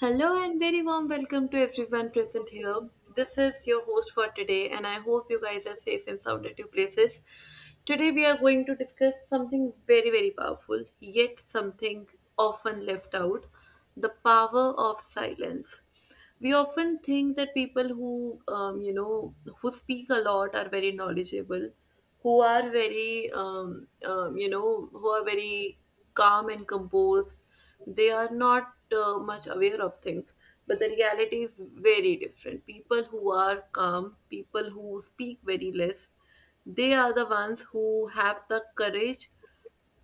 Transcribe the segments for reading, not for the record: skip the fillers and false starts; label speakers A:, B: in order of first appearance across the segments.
A: Hello and very warm welcome to everyone present here. This is your host for today, and I hope you guys are safe and sound at your places. Today, we are going to discuss something very, very powerful, yet something often left out, the power of silence. We often think that people who who speak a lot are very knowledgeable, who are very who are very calm and composed, they are not much aware of things, but the reality is very different. People who are calm, people who speak very less, they are the ones who have the courage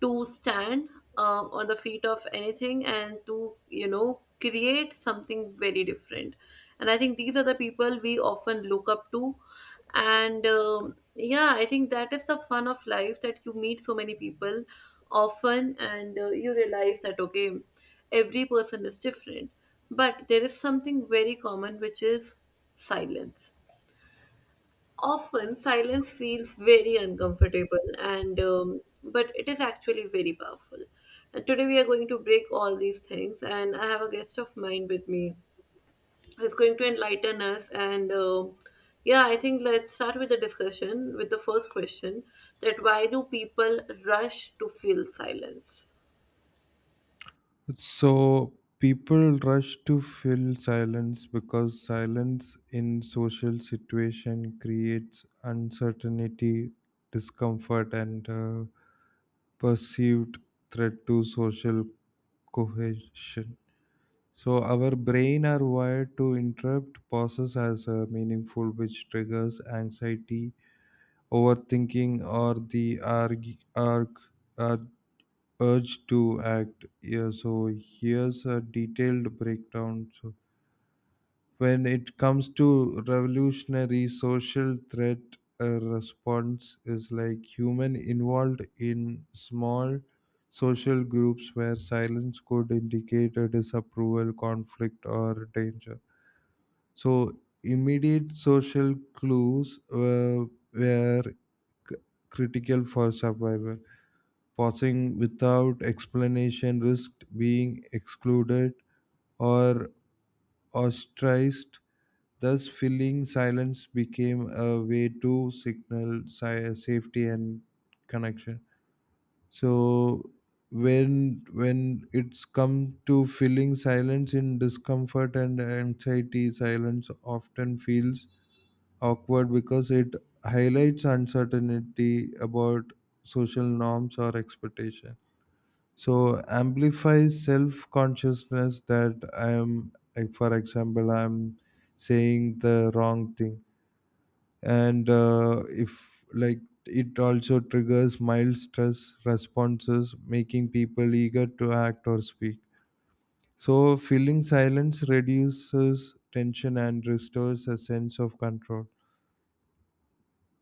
A: to stand, on the feet of anything and to create something very different. And I think these are the people we often look up to. And yeah, I think that is the fun of life, that you meet so many people often, and you realize that okay, every person is different, but there is something very common, which is silence. Often silence feels very uncomfortable and but it is actually very powerful. And today we are going to break all these things, and I have a guest of mine with me who's going to enlighten us. And yeah, I think let's start with the discussion with the first question, that why do people rush to feel silence?
B: So people rush to fill silence because silence in social situation creates uncertainty, discomfort, and perceived threat to social cohesion. So our brain are wired to interrupt pauses as meaningful, which triggers anxiety, overthinking, or the urge to act. Yeah, so here's a detailed breakdown. So when it comes to revolutionary social threat, a response is like human involved in small social groups where silence could indicate a disapproval, conflict, or danger. So immediate social clues were c- critical for survival. Passing without explanation risked being excluded or ostracized. Thus, filling silence became a way to signal safety and connection. So, when it's come to filling silence in discomfort and anxiety, silence often feels awkward because it highlights uncertainty about social norms or expectations, so amplify self consciousness that I am, like, for example, I'm saying the wrong thing. And if, like, it also triggers mild stress responses making people eager to act or speak, so feeling silence reduces tension and restores a sense of control.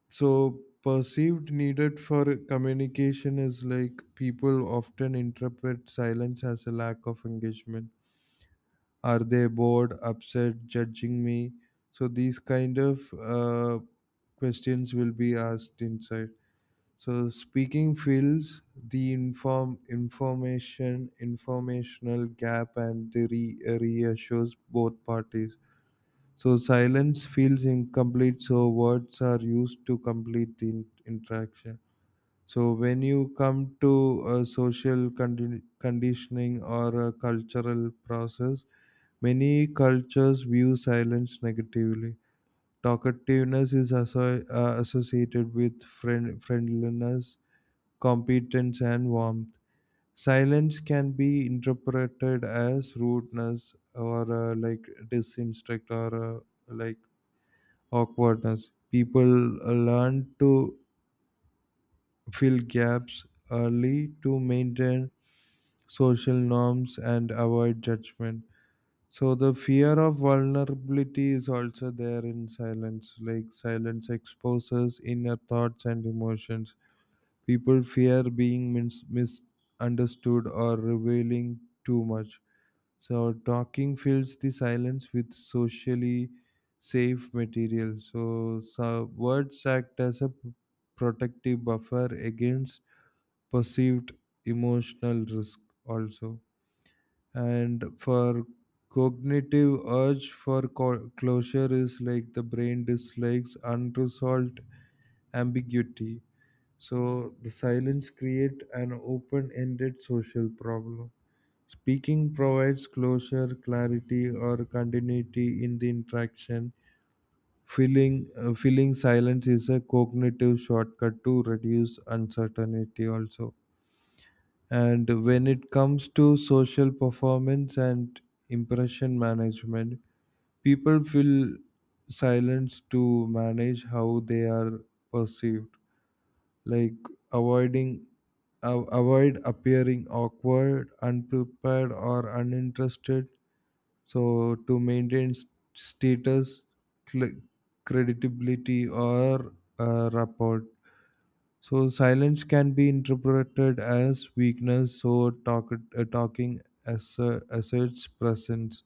B: So perceived needed for communication is like people often interpret silence as a lack of engagement. Are they bored, upset, judging me? So these kind of questions will be asked inside. So speaking fills the informational gap and the reassures both parties. So silence feels incomplete. So words are used to complete the interaction. So when you come to social conditioning or a cultural process, many cultures view silence negatively. Talkativeness is associated with friendliness, competence, and warmth. Silence can be interpreted as rudeness or, like, disinstruct, or like awkwardness. People learn to fill gaps early to maintain social norms and avoid judgment. So the fear of vulnerability is also there in silence. Like silence exposes inner thoughts and emotions. People fear being misunderstood or revealing too much. So talking fills the silence with socially safe material. So words act as a protective buffer against perceived emotional risk also. And for cognitive urge for closure is like the brain dislikes unresolved ambiguity, so the silence create an open-ended social problem. Speaking provides closure, clarity, or continuity in the interaction. Feeling silence is a cognitive shortcut to reduce uncertainty also. And when it comes to social performance and impression management, people feel silenced to manage how they are perceived, like avoiding, avoid appearing awkward, unprepared, or uninterested. So to maintain status, cl- credibility, or rapport. So silence can be interpreted as weakness. So talking asserts presence,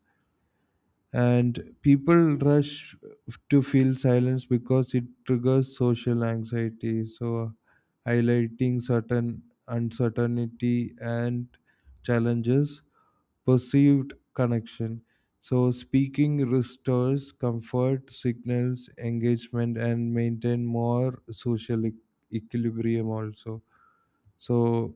B: and people rush to feel silence because it triggers social anxiety. So highlighting certain uncertainty and challenges, perceived connection. So speaking restores comfort, signals engagement, and maintain more social equilibrium also. So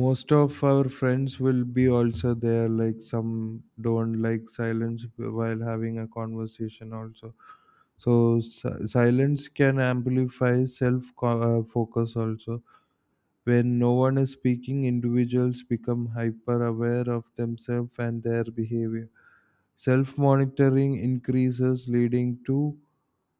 B: most of our friends will be also there. Like some don't like silence while having a conversation also. So silence can amplify focus also. When no one is speaking, individuals become hyper aware of themselves and their behavior. Self monitoring increases, leading to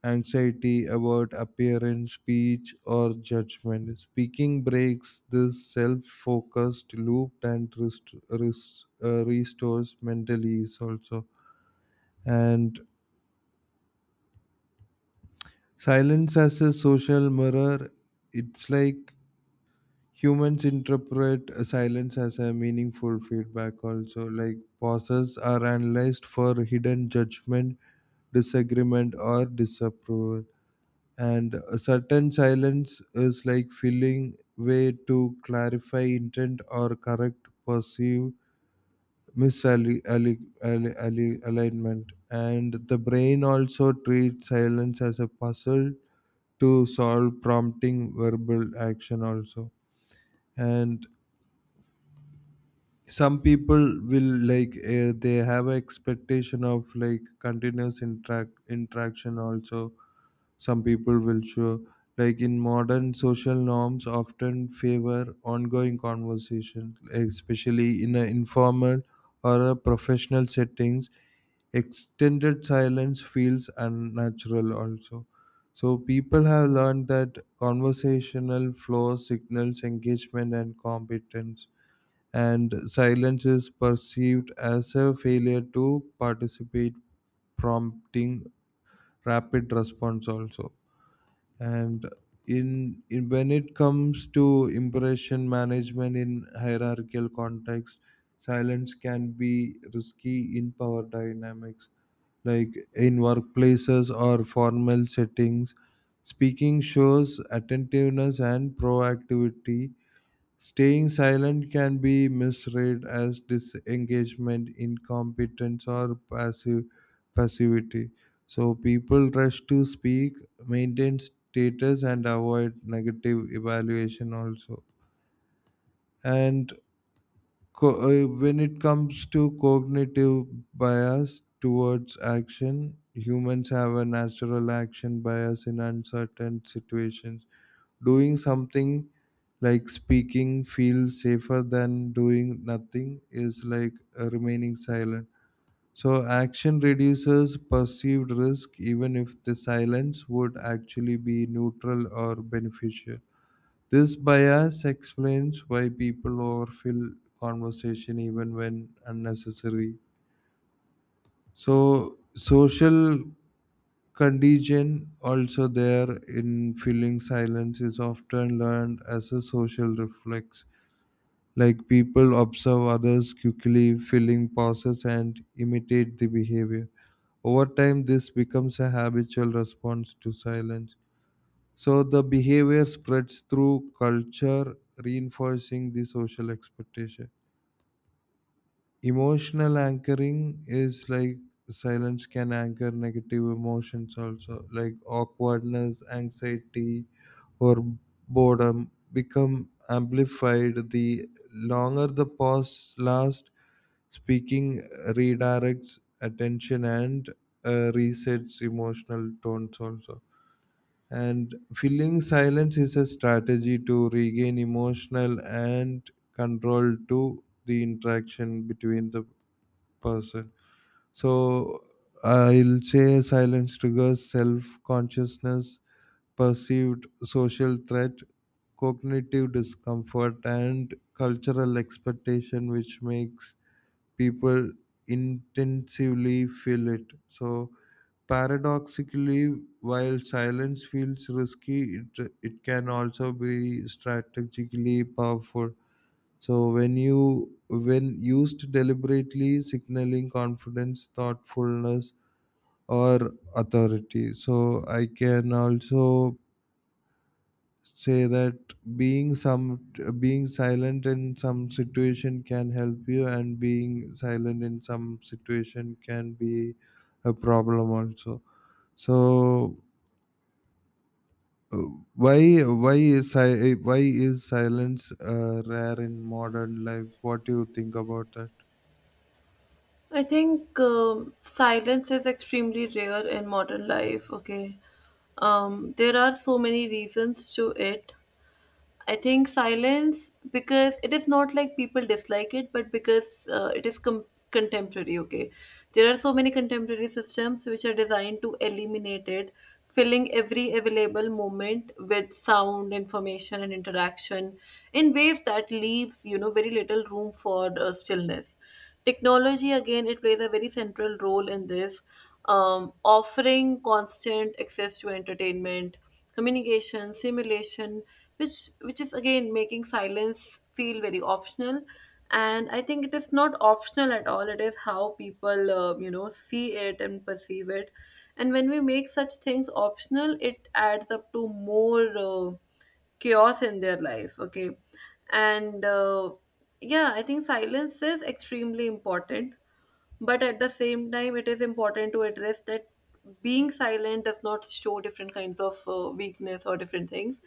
B: anxiety about appearance, speech, or judgment. Speaking breaks this self focused loop and restores mental ease also. And silence as a social mirror, it's like humans interpret a silence as a meaningful feedback also. Like pauses are analyzed for hidden judgment, disagreement, or disapproval. And a certain silence is like filling way to clarify intent or correct perceived misalignment, and the brain also treats silence as a puzzle to solve, prompting verbal action also. And some people will, like, they have expectation of like continuous interaction also. Some people will show, like, in modern social norms often favor ongoing conversation, especially in an informal or a professional settings, extended silence feels unnatural also. So people have learned that conversational flow signals engagement and competence, and silence is perceived as a failure to participate, prompting rapid response also. And in when it comes to impression management in hierarchical context, silence can be risky in power dynamics, like in workplaces or formal settings, speaking shows attentiveness and proactivity. Staying silent can be misread as disengagement, incompetence, or passive passivity. So people rush to speak, maintain status, and avoid negative evaluation also. And when it comes to cognitive bias towards action, humans have a natural action bias in uncertain situations. Doing something like speaking feels safer than doing nothing, is like, remaining silent. So, action reduces perceived risk even if the silence would actually be neutral or beneficial. This bias explains why people overfill conversation even when unnecessary. So social contagion also there in filling silence is often learned as a social reflex. Like people observe others quickly filling pauses and imitate the behavior. Over time, this becomes a habitual response to silence. So the behavior spreads through culture, reinforcing the social expectation. Emotional anchoring is like silence can anchor negative emotions also, like awkwardness, anxiety, or boredom become amplified. The longer the pause lasts, speaking redirects attention and resets emotional tones also. And filling silence is a strategy to regain emotional and control to the interaction between the person. So I'll say silence triggers self consciousness, perceived social threat, cognitive discomfort, and cultural expectation, which makes people intensively feel it. So paradoxically, while silence feels risky, it can also be strategically powerful. So when you, when used deliberately, signaling confidence, thoughtfulness, or authority. So I can also say that being some being silent in some situation can help you, and being silent in some situation can be a problem also. So Uh, why is silence rare in modern life? What do you think about that?
A: I think silence is extremely rare in modern life, okay? There are so many reasons to it. I think silence, because it is not like people dislike it, but because it is contemporary. Okay, there are so many contemporary systems which are designed to eliminate it, filling every available moment with sound, information, and interaction in ways that leaves very little room for stillness. Technology again, it plays a very central role in this, offering constant access to entertainment, communication, simulation, which is again making silence feel very optional. And I think it is not optional at all. It is how people see it and perceive it. And when we make such things optional, it adds up to more chaos in their life. Okay, and yeah, I think silence is extremely important, but at the same time, it is important to address that being silent does not show different kinds of weakness or different things.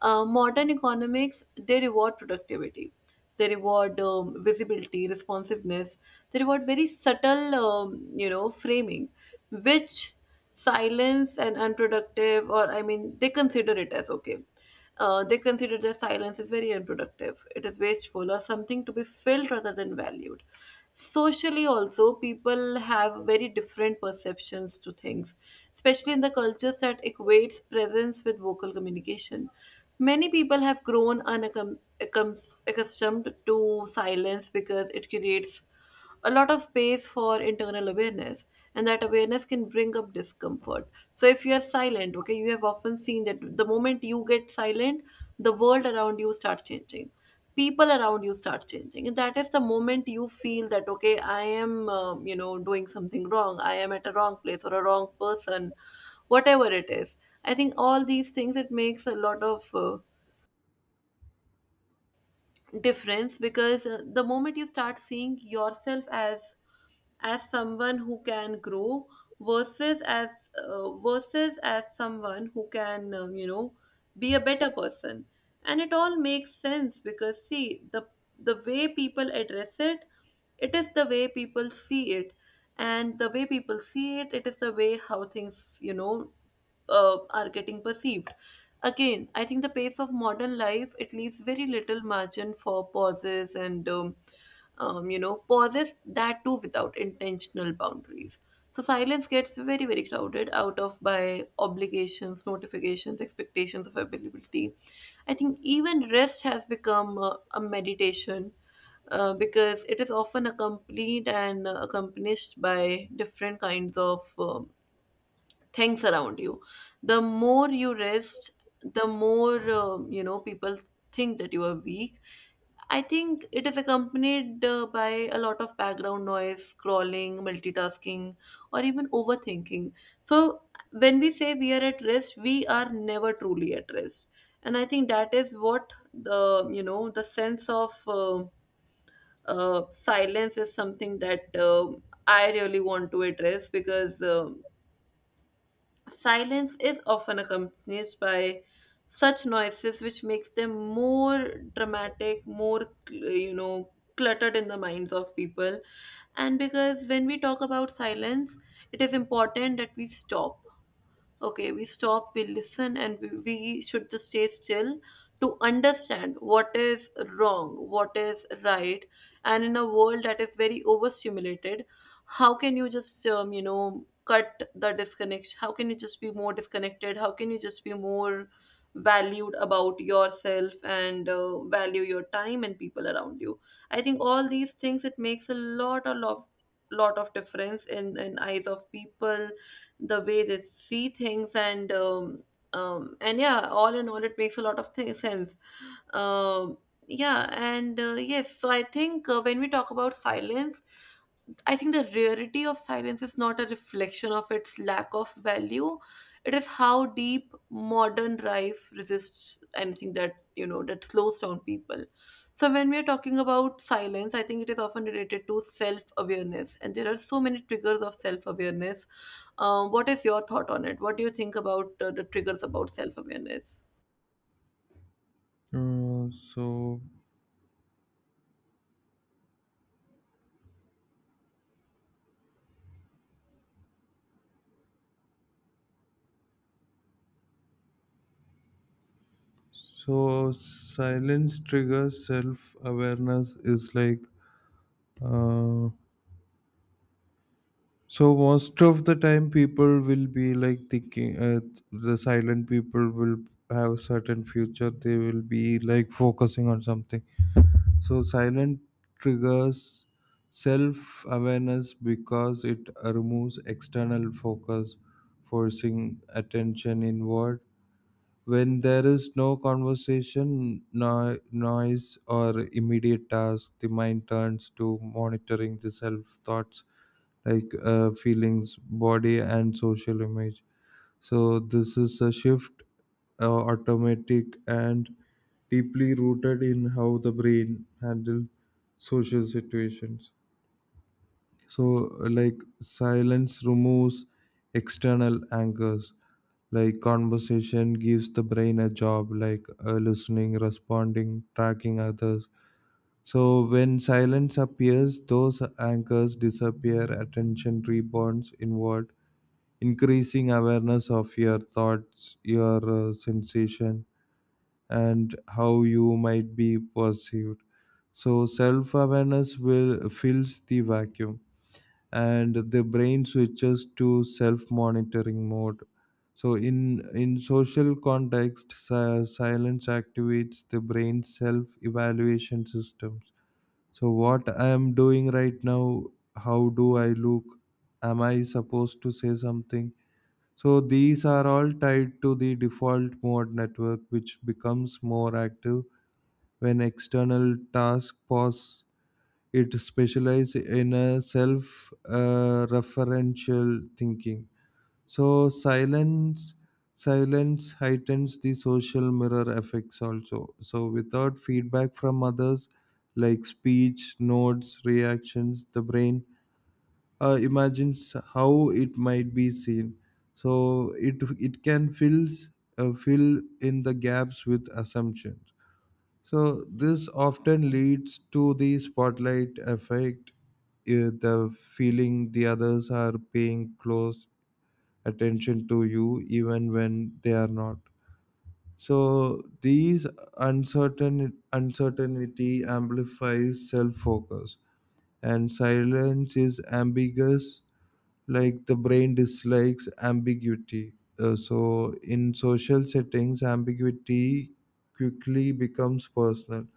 A: Modern economics, they reward productivity. They reward visibility, responsiveness. They reward very subtle, framing, which silence and unproductive, or I mean, they consider it as okay, they consider their silence is very unproductive, it is wasteful, or something to be filled rather than valued. Socially, also, people have very different perceptions to things, especially in the cultures that equates presence with vocal communication. Many people have grown accustomed to silence because it creates a lot of space for internal awareness, and that awareness can bring up discomfort. So if you are silent, okay, you have often seen that the moment you get silent, the world around you start changing, people around you start changing, and that is the moment you feel that okay, I am doing something wrong, I am at a wrong place or a wrong person, whatever it is. I think all these things, it makes a lot of difference, because the moment you start seeing yourself as someone who can grow versus as versus as someone who can be a better person. And it all makes sense, because see, the way people address it, it is the way people see it, and the way people see it, it is the way how things are getting perceived. Again I think the pace of modern life, it leaves very little margin for pauses and pauses that too without intentional boundaries. So silence gets very very crowded out of by obligations, notifications, expectations of availability. I think even rest has become a meditation, because it is often accompanied and accomplished by different kinds of things around you. The more you rest, the more people think that you are weak. I think it is accompanied by a lot of background noise, scrolling, multitasking, or even overthinking. So when we say we are at rest, we are never truly at rest, and I think that is what the the sense of. um Silence is something that I really want to address, because silence is often accompanied by such noises which makes them more dramatic, more cluttered in the minds of people. And because when we talk about silence, it is important that we stop, okay, we stop, we listen, and we should just stay still to understand what is wrong, what is right. And in a world that is very overstimulated, how can you just cut the disconnection, how can you just be more disconnected, how can you just be more valued about yourself, and value your time and people around you. I think all these things, it makes a lot of difference in eyes of people, the way they see things, and yeah, all in all it makes a lot of sense. um, yeah, and yes, so I think when we talk about silence, I think the rarity of silence is not a reflection of its lack of value. It is how deep modern life resists anything that that slows down people. So when we are talking about silence, I think it is often related to self-awareness, and there are so many triggers of self-awareness. Um, what is your thought on it? What do you think about the triggers about self awareness?
B: Uh, so so silence triggers self awareness is like, uh, so most of the time people will be like thinking, the silent people will have certain future, they will be like focusing on something. So, silent triggers self awareness because it removes external focus, forcing attention inward. When there is no conversation, no, noise, or immediate task, the mind turns to monitoring the self thoughts, like feelings, body, and social image. So, this is a shift, automatic, and deeply rooted in how the brain handles social situations. So like silence removes external anchors, like conversation gives the brain a job, like listening, responding, tracking others. So when silence appears those anchors disappear, attention rebounds inward, increasing awareness of your thoughts, your sensation, and how you might be perceived. So self awareness will fills the vacuum, and the brain switches to self-monitoring mode. So, in social context, silence activates the brain's self-evaluation systems. So, what I am doing right now, how do I look? Am I supposed to say something? So, these are all tied to the default mode network, which becomes more active when external tasks pause. It specializes in a self referential thinking. So silence heightens the social mirror effects also. So without feedback from others, like speech, notes, reactions, the brain imagines how it might be seen. So it can fill in the gaps with assumptions. So this often leads to the spotlight effect, eh, the feeling the others are paying close attention to you even when they are not. So these uncertainty amplifies self-focus, and silence is ambiguous, like the brain dislikes ambiguity. So in social settings, ambiguity quickly becomes personal.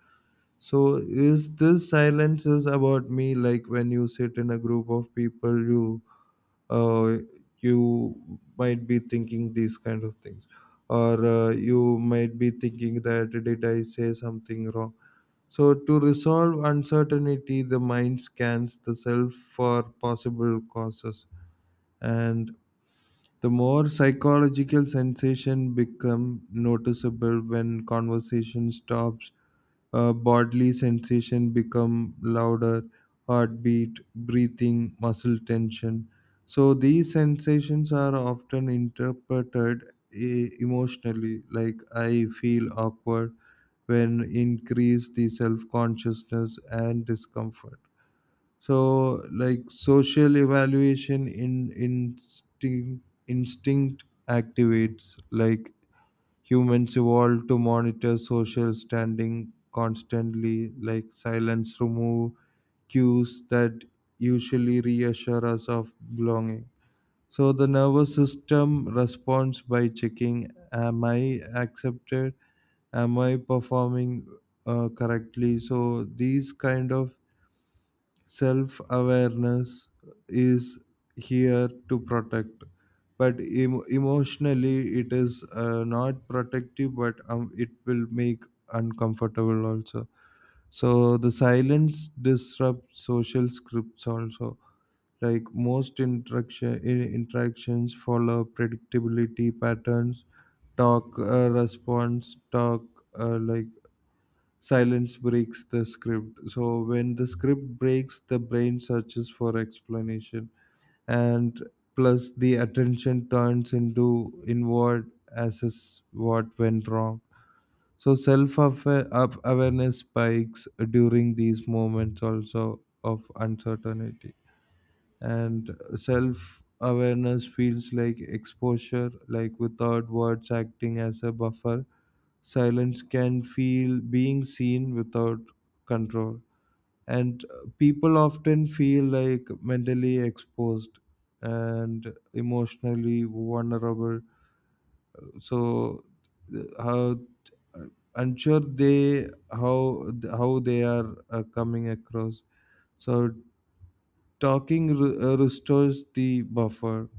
B: So is this silence is about me, like when you sit in a group of people you, uh, you might be thinking these kind of things, or you might be thinking that did I say something wrong. So to resolve uncertainty the mind scans the self for possible causes, and the more psychological sensation become noticeable when conversation stops, bodily sensation become louder, heartbeat, breathing, muscle tension. So these sensations are often interpreted emotionally, like I feel awkward, when increase the self consciousness and discomfort. So, like, social evaluation in instinct activates, like humans evolved to monitor social standing constantly, like silence remove cues that usually reassure us of belonging. So the nervous system responds by checking, am I accepted? Am I performing correctly? So these kind of self awareness is here to protect, but emotionally it is not protective, but it will make uncomfortable also. So the silence disrupts social scripts also. Like most interaction in- interactions follow predictability patterns, talk, response, talk, like silence breaks the script. So when the script breaks the brain searches for explanation, and plus the attention turns into inward assess what went wrong. So self awareness spikes during these moments also of uncertainty. And self awareness feels like exposure, like without words acting as a buffer, silence can feel being seen without control. And people often feel like mentally exposed and emotionally vulnerable. So how uh, unsure they, how they are coming across. So talking restores the buffer.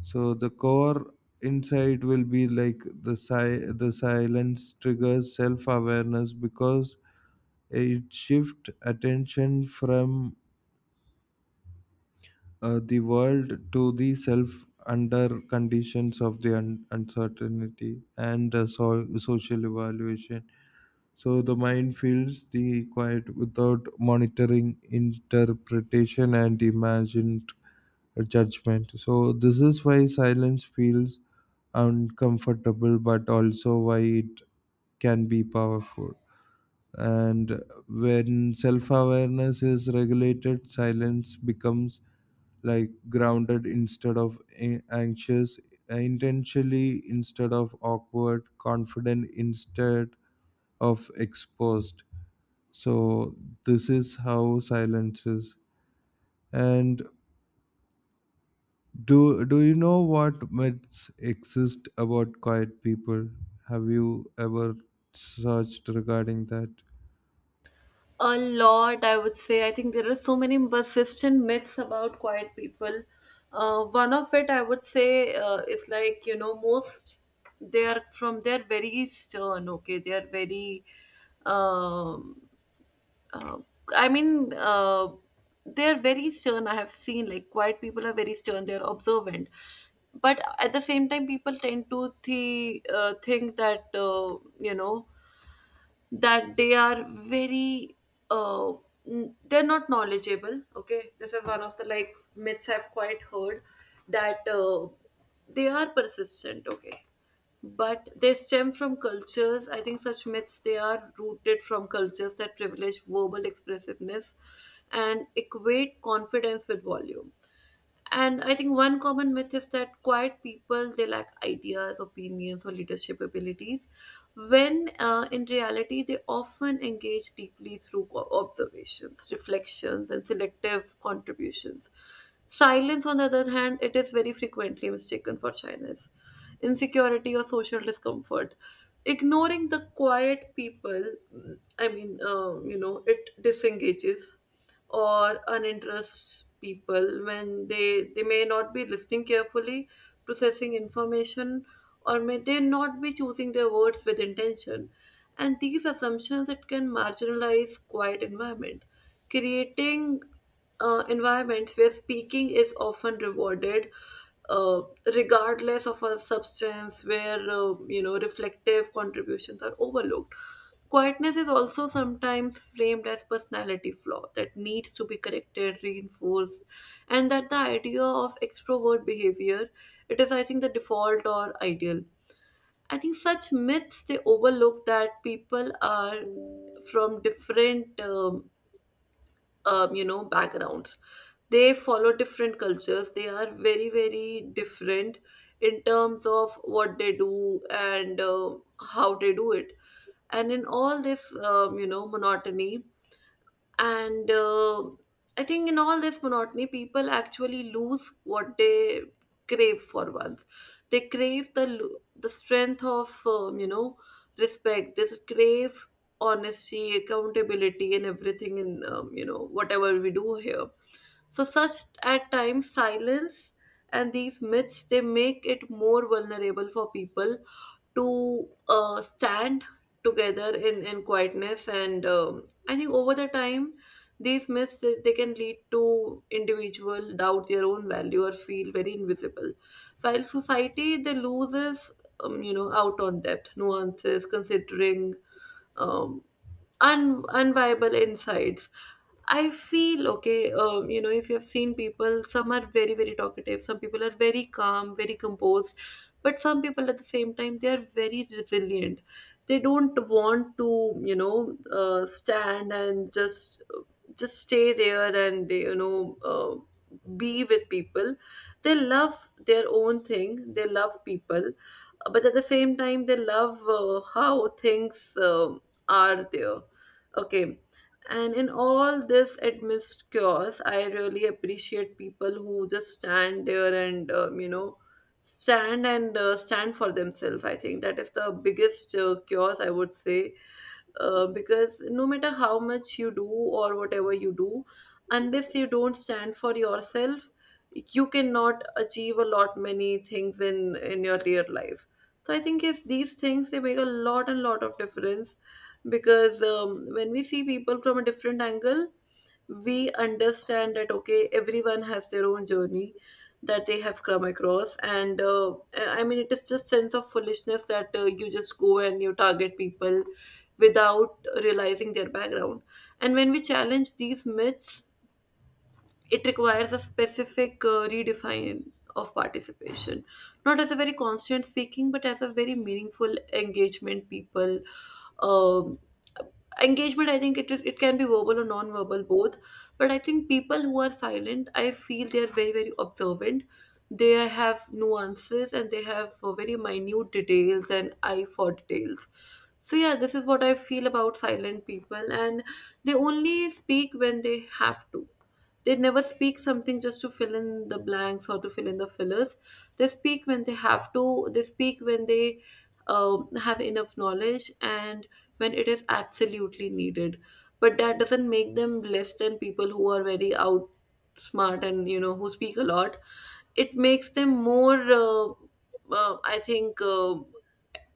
B: So the core insight will be like the silence triggers self awareness because it shifts attention from the world to the self under conditions of the uncertainty and social evaluation. So the mind fills the quiet without monitoring interpretation and imagined judgment. So this is why silence feels uncomfortable, but also why it can be powerful. And when self awareness is regulated, silence becomes like grounded instead of anxious, intentionally instead of awkward, confident instead of exposed. So this is how silences. And do you know what myths exist about quiet people? Have you ever searched regarding that?
A: A lot, I would say. I think there are so many persistent myths about quiet people. One of it, I would say, is like, most they are from, they're very stern, okay? They are very, um, uh, I mean, uh, they're very stern. I have seen like quiet people are very stern. They're observant, but at the same time, people tend to the think that that they are very uh, they're not knowledgeable, okay? This is one of the like myths I've quite heard, that they are persistent, okay, but they stem from cultures. I think such myths, they are rooted from cultures that privilege verbal expressiveness and equate confidence with volume. And I think one common myth is that quiet people, they lack ideas, opinions, or leadership abilities, when in reality they often engage deeply through observations, reflections, and selective contributions. Silence, on the other hand, it is very frequently mistaken for shyness, insecurity, or social discomfort. Ignoring the quiet people, I mean, it disengages or uninterests people, when they may not be listening carefully, processing information, or may they not be choosing their words with intention. And these assumptions, it can marginalize quiet environment, creating environments where speaking is often rewarded, uh, regardless of a substance, where reflective contributions are overlooked. Quietness is also sometimes framed as personality flaw that needs to be corrected, reinforced, and that the idea of extrovert behavior, it is I think the default or ideal. I think such myths, they overlook that people are from different backgrounds, they follow different cultures, they are very very different in terms of what they do and how they do it. And in all this monotony, and I think in all this monotony, people actually lose what they crave for once. They crave the the strength of respect, they crave honesty, accountability, and everything in whatever we do here. So such at times silence, and these myths, they make it more vulnerable for people to stand together in quietness, and I think over the time, these myths they can lead to individual doubt their own value or feel very invisible, while society, they loses out on depth, nuances, considering um, unviable insights. I feel okay. If you have seen people, some are very very talkative, some people are very calm, very composed, but some people at the same time, they are very resilient, they don't want to you know stand and just stay there and be with people. They love their own thing, they love people, but at the same time, they love how things um are there, okay. And in all this amidst chaos, I really appreciate people who just stand there and stand and stand for themselves. I think that is the biggest cures, I would say, because no matter how much you do or whatever you do, unless you don't stand for yourself, you cannot achieve a lot many things in your real life. So I think yes, these things they make a lot and lot of difference, because when we see people from a different angle, we understand that okay, everyone has their own journey that they have come across, and I mean, it is just sense of foolishness that you just go and you target people without realizing their background. And when we challenge these myths, it requires a specific redefine of participation, not as a very constant speaking but as a very meaningful engagement. People um, engagement, I think it can be verbal or non-verbal both. But I think people who are silent, I feel they are very very observant, they have nuances and they have very minute details and eye for details. So yeah, this is what I feel about silent people. And they only speak when they have to, they never speak something just to fill in the blanks or to fill in the fillers. They speak when they have to, they speak when they have enough knowledge and when it is absolutely needed. But that doesn't make them less than people who are very outsmart and who speak a lot. It makes them more, I think.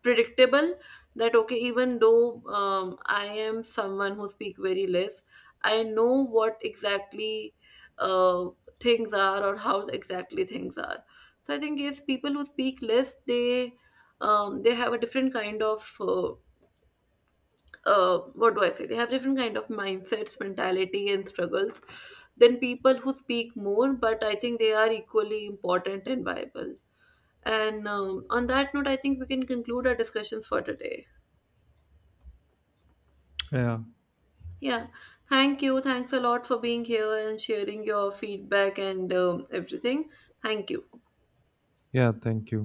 A: predictable, that okay, even though I am someone who speak very less, I know what exactly uh, things are, or how exactly things are. So I think yes, people who speak less, they have a different kind of uh, what do I say, they have different kind of mindsets, mentality, and struggles than people who speak more. But I think they are equally important and viable. And on that note, I think we can conclude our discussions for today.
B: Yeah.
A: Yeah, thank you. Thanks a lot for being here and sharing your feedback and everything. Thank you.
B: Yeah, thank you.